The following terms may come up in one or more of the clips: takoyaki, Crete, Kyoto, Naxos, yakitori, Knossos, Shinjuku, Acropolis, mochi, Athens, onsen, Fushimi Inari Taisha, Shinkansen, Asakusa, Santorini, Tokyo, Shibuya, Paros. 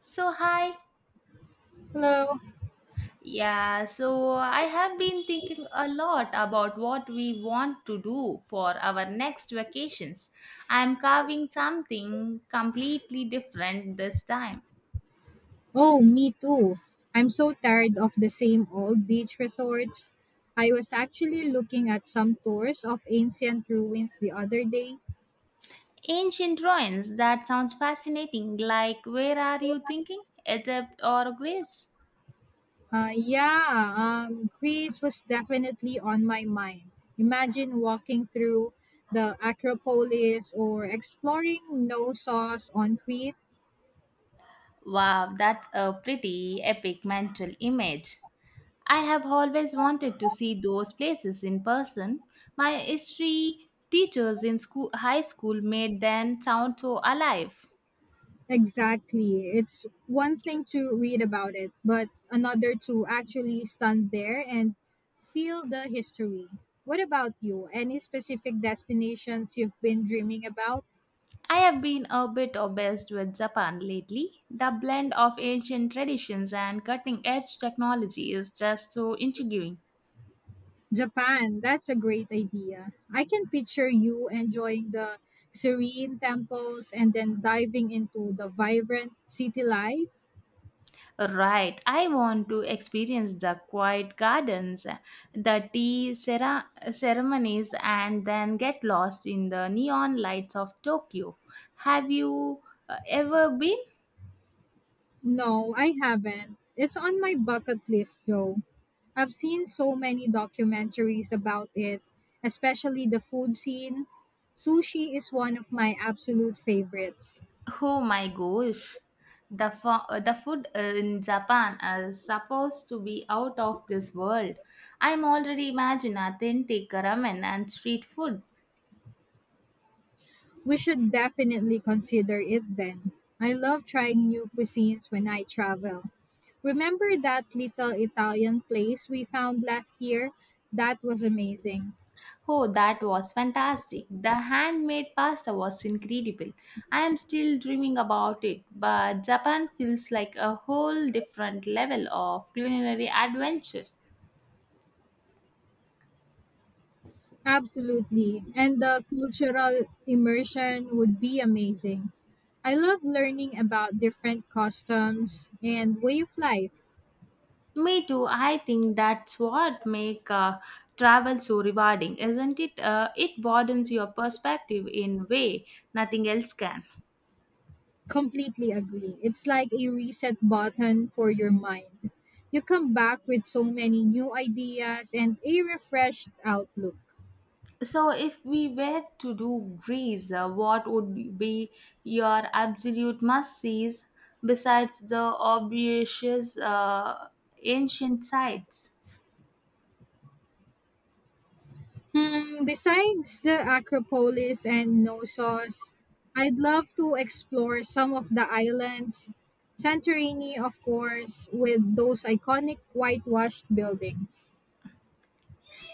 So, hi. Hello. Yeah, so I have been thinking a lot about what we want to do for our next vacations. I'm carving something completely different this time. Oh, me too. I'm so tired of the same old beach resorts. I was actually looking at some tours of ancient ruins the other day. Ancient ruins, that sounds fascinating. Like, where are you thinking? Egypt or Greece? Uh, yeah, Greece was definitely on my mind. Imagine walking through the Acropolis or exploring Knossos on Crete. Wow, that's a pretty epic mental image. I have always wanted to see those places in person. My history teachers in school, high school made them sound so alive. Exactly. It's one thing to read about it, but another to actually stand there and feel the history. What about you? Any specific destinations you've been dreaming about? I have been a bit obsessed with Japan lately. The blend of ancient traditions and cutting edge technology is just so intriguing. Japan, that's a great idea. I can picture you enjoying the serene temples and then diving into the vibrant city life. Right, I want to experience the quiet gardens, the ceremonies, and then get lost in the neon lights of Tokyo. Have you ever been? No, I haven't. It's on my bucket list though. I've seen so many documentaries about it, especially the food scene. Sushi is one of my absolute favorites. Oh my gosh, the food in Japan is supposed to be out of this world. I'm already imagine authentic ramen and street food. We should definitely consider it then. I love trying new cuisines when I travel. Remember that little Italian place we found last year? That was amazing. Oh, that was fantastic. The handmade pasta was incredible. I am still dreaming about it, but Japan feels like a whole different level of culinary adventure. Absolutely. And the cultural immersion would be amazing. I love learning about different customs and way of life. Me too. I think that's what make travel so rewarding, isn't it? It broadens your perspective in way nothing else can. Completely agree. It's like a reset button for your mind. You come back with so many new ideas and a refreshed outlook. So, if we were to do Greece, what would be your absolute must-sees besides the obvious ancient sites? Hmm, besides the Acropolis and Knossos, I'd love to explore some of the islands, Santorini, of course, with those iconic whitewashed buildings.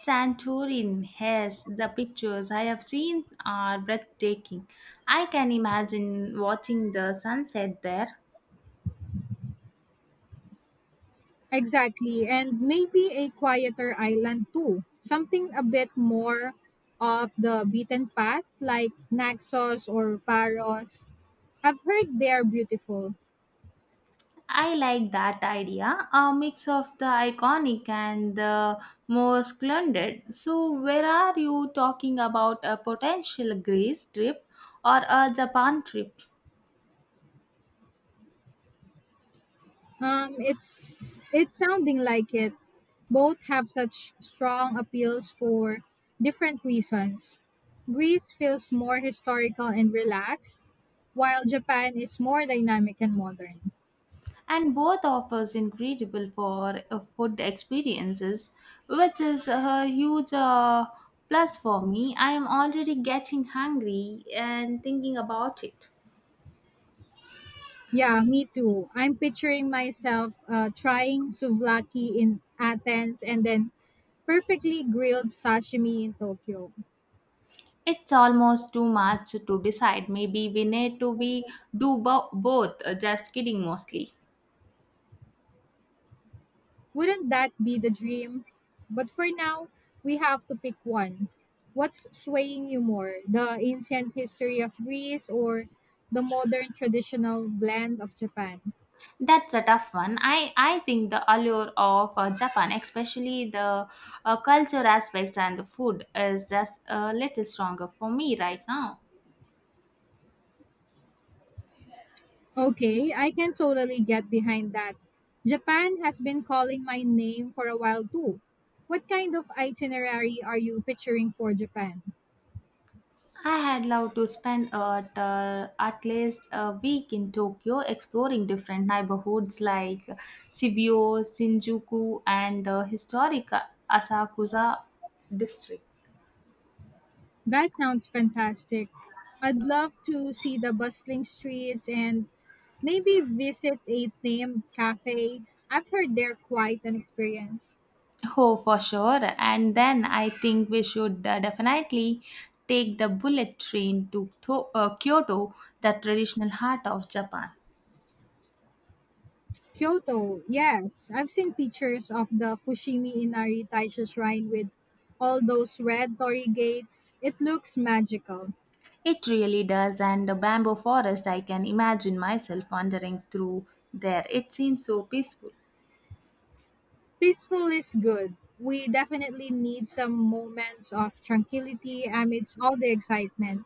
Santorin has the pictures I have seen are breathtaking. I can imagine watching the sunset there. Exactly, and maybe a quieter island too, something a bit more of the beaten path, like Naxos or Paros. I've heard they're beautiful. I like that idea, a mix of the iconic and the more splendid. So, where are you talking about a potential Greece trip or a Japan trip? It's sounding like it. Both have such strong appeals for different reasons. Greece feels more historical and relaxed, while Japan is more dynamic and modern. And both offers incredible for food experiences, which is a huge plus for me. I am already getting hungry and thinking about it. Yeah, me too. I'm picturing myself trying souvlaki in Athens and then perfectly grilled sashimi in Tokyo. It's almost too much to decide. Maybe we need to both. Just kidding, mostly. Wouldn't that be the dream? But for now, we have to pick one. What's swaying you more, the ancient history of Greece or the modern traditional blend of Japan? That's a tough one. I think the allure of Japan, especially the culture aspects and the food, is just a little stronger for me right now. Okay, I can totally get behind that. Japan has been calling my name for a while too. What kind of itinerary are you picturing for Japan? I had loved to spend at least a week in Tokyo exploring different neighborhoods like Shibuya, Shinjuku, and the historic Asakusa district. That sounds fantastic. I'd love to see the bustling streets and maybe visit a themed cafe. I've heard they're quite an experience. Oh, for sure. And then I think we should definitely take the bullet train to Kyoto, the traditional heart of Japan. Kyoto, yes. I've seen pictures of the Fushimi Inari Taisha shrine with all those red torii gates. It looks magical. It really does, and the bamboo forest, I can imagine myself wandering through there. It seems so peaceful. Peaceful is good. We definitely need some moments of tranquility amidst all the excitement.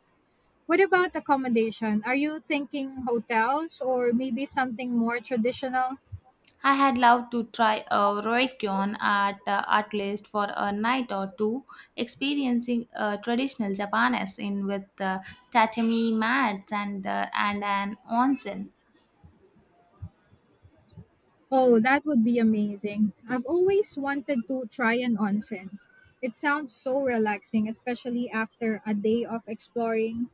What about accommodation? Are you thinking hotels or maybe something more traditional? I had loved to try a Roikyon at least for a night or two, experiencing traditional Japanese in with tatami mats and an onsen. Oh, that would be amazing. I've always wanted to try an onsen. It sounds so relaxing, especially after a day of exploring.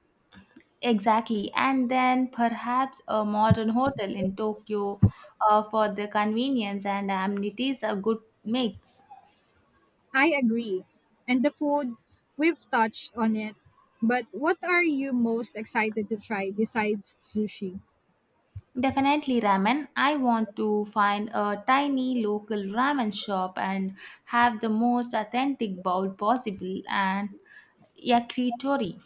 Exactly. And then perhaps a modern hotel in Tokyo for the convenience and amenities a good mix. I agree. And the food, we've touched on it. But what are you most excited to try besides sushi? Definitely ramen. I want to find a tiny local ramen shop and have the most authentic bowl possible and yakitori.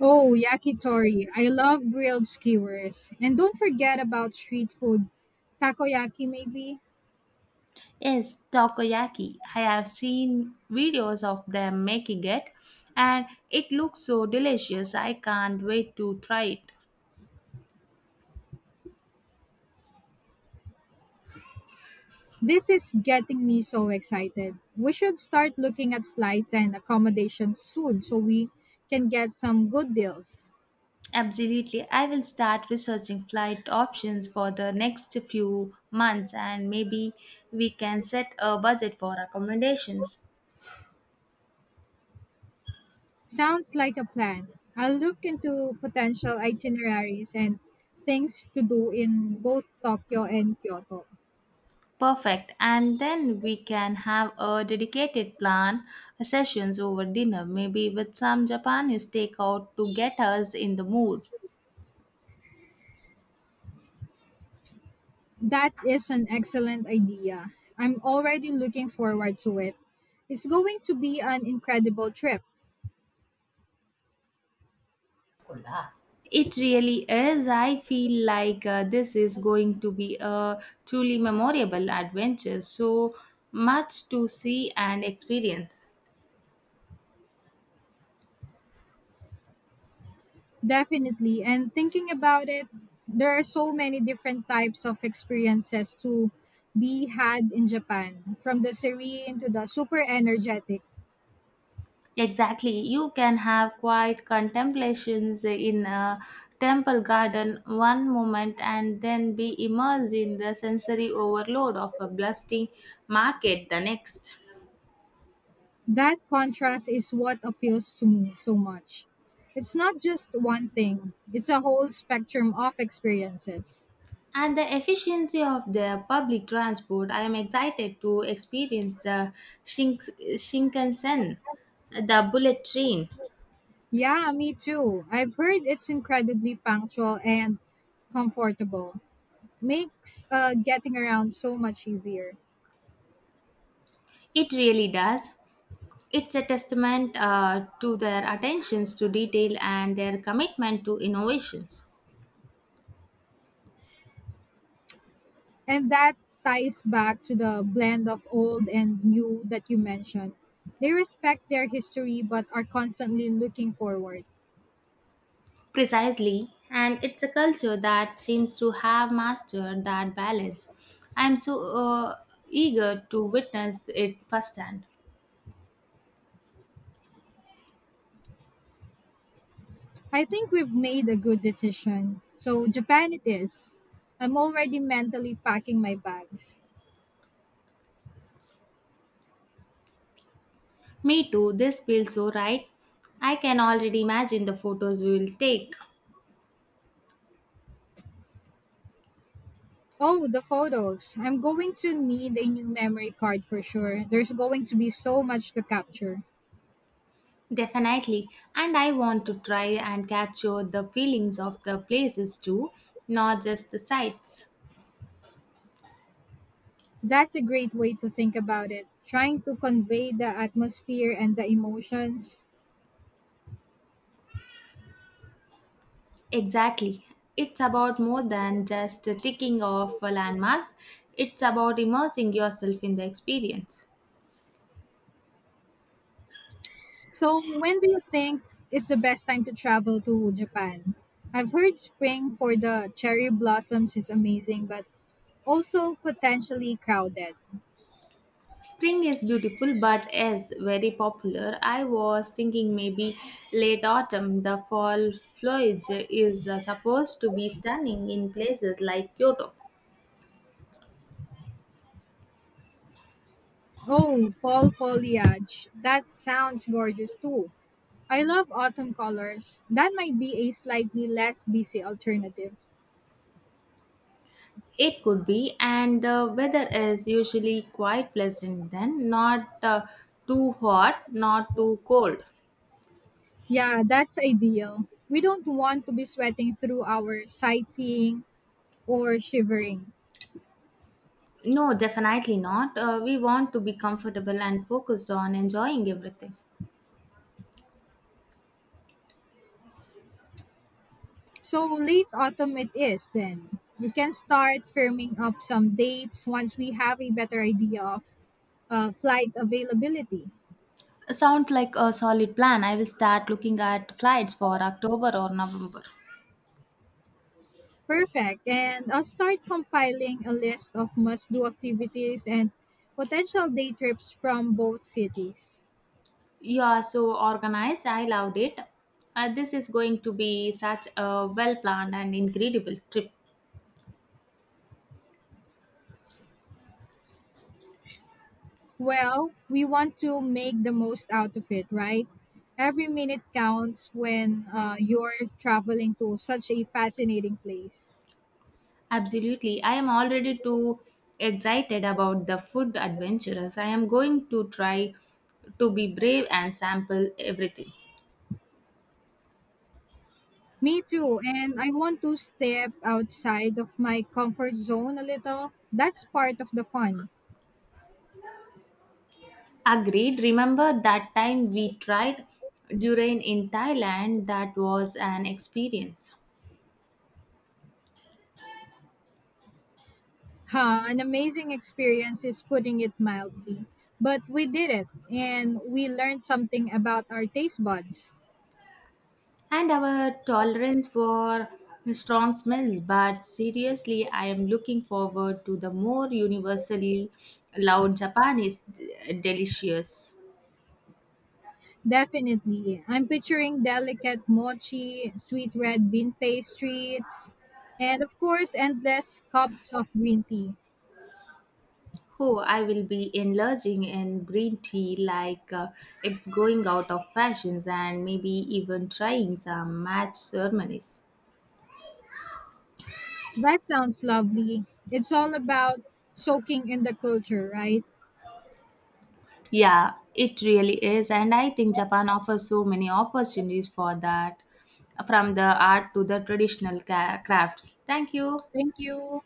Oh, yakitori. I love grilled skewers. And don't forget about street food. Takoyaki, maybe? Yes, takoyaki. I have seen videos of them making it and it looks so delicious. I can't wait to try it. This is getting me so excited. We should start looking at flights and accommodations soon so we can get some good deals. Absolutely. I will start researching flight options for the next few months and maybe we can set a budget for accommodations. Sounds like a plan. I'll look into potential itineraries and things to do in both Tokyo and Kyoto. Perfect. And then we can have a dedicated plan sessions over dinner, maybe with some Japanese takeout to get us in the mood. That is an excellent idea. I'm already looking forward to it. It's going to be an incredible trip. It really is. I feel like this is going to be a truly memorable adventure. So much to see and experience. Definitely. And thinking about it, there are so many different types of experiences to be had in Japan, from the serene to the super energetic. Exactly. You can have quiet contemplations in a temple garden one moment and then be immersed in the sensory overload of a bustling market the next. That contrast is what appeals to me so much. It's not just one thing, it's a whole spectrum of experiences. And the efficiency of the public transport, I am excited to experience the Shinkansen, the bullet train. Yeah, me too. I've heard it's incredibly punctual and comfortable. Makes getting around so much easier. It really does. It's a testament to their attentions to detail and their commitment to innovations. And that ties back to the blend of old and new that you mentioned. They respect their history but are constantly looking forward. Precisely, and it's a culture that seems to have mastered that balance. I'm so eager to witness it firsthand. I think we've made a good decision. So, Japan it is. I'm already mentally packing my bags. Me too, this feels so right. I can already imagine the photos we will take. Oh, the photos. I'm going to need a new memory card for sure. There's going to be so much to capture. Definitely, and I want to try and capture the feelings of the places too, not just the sights. That's a great way to think about it. Trying to convey the atmosphere and the emotions. Exactly. It's about more than just ticking off landmarks, it's about immersing yourself in the experience. So, when do you think is the best time to travel to Japan? I've heard spring for the cherry blossoms is amazing, but also potentially crowded. Spring is beautiful but is very popular. I was thinking maybe late autumn. The fall foliage is supposed to be stunning in places like Kyoto. Oh, fall foliage. That sounds gorgeous too. I love autumn colors. That might be a slightly less busy alternative. It could be, and the weather is usually quite pleasant then, not too hot, not too cold. Yeah, that's ideal. We don't want to be sweating through our sightseeing or shivering. No, definitely not. We want to be comfortable and focused on enjoying everything. So late autumn it is then. We can start firming up some dates once we have a better idea of flight availability. Sounds like a solid plan. I will start looking at flights for October or November. Perfect. And I'll start compiling a list of must do activities and potential day trips from both cities. You are so organized. I loved it. This is going to be such a well planned and incredible trip. Well, we want to make the most out of it, right? Every minute counts when you're traveling to such a fascinating place. Absolutely. I am already too excited about the food adventures. I am going to try to be brave and sample everything. Me too. And I want to step outside of my comfort zone a little. That's part of the fun. Agreed. Remember that time we tried durian in Thailand? That was an experience. Ha, an amazing experience is putting it mildly. But we did it and we learned something about our taste buds. And our tolerance for strong smells, but seriously, I am looking forward to the more universally loud Japanese delicious. Definitely. I'm picturing delicate mochi, sweet red bean pastries, and of course, endless cups of green tea. Oh, I will be enlarging in green tea like it's going out of fashions, and maybe even trying some match ceremonies. That sounds lovely. It's all about soaking in the culture, right? Yeah, it really is, and I think Japan offers so many opportunities for that, from the art to the traditional crafts. Thank you. Thank you.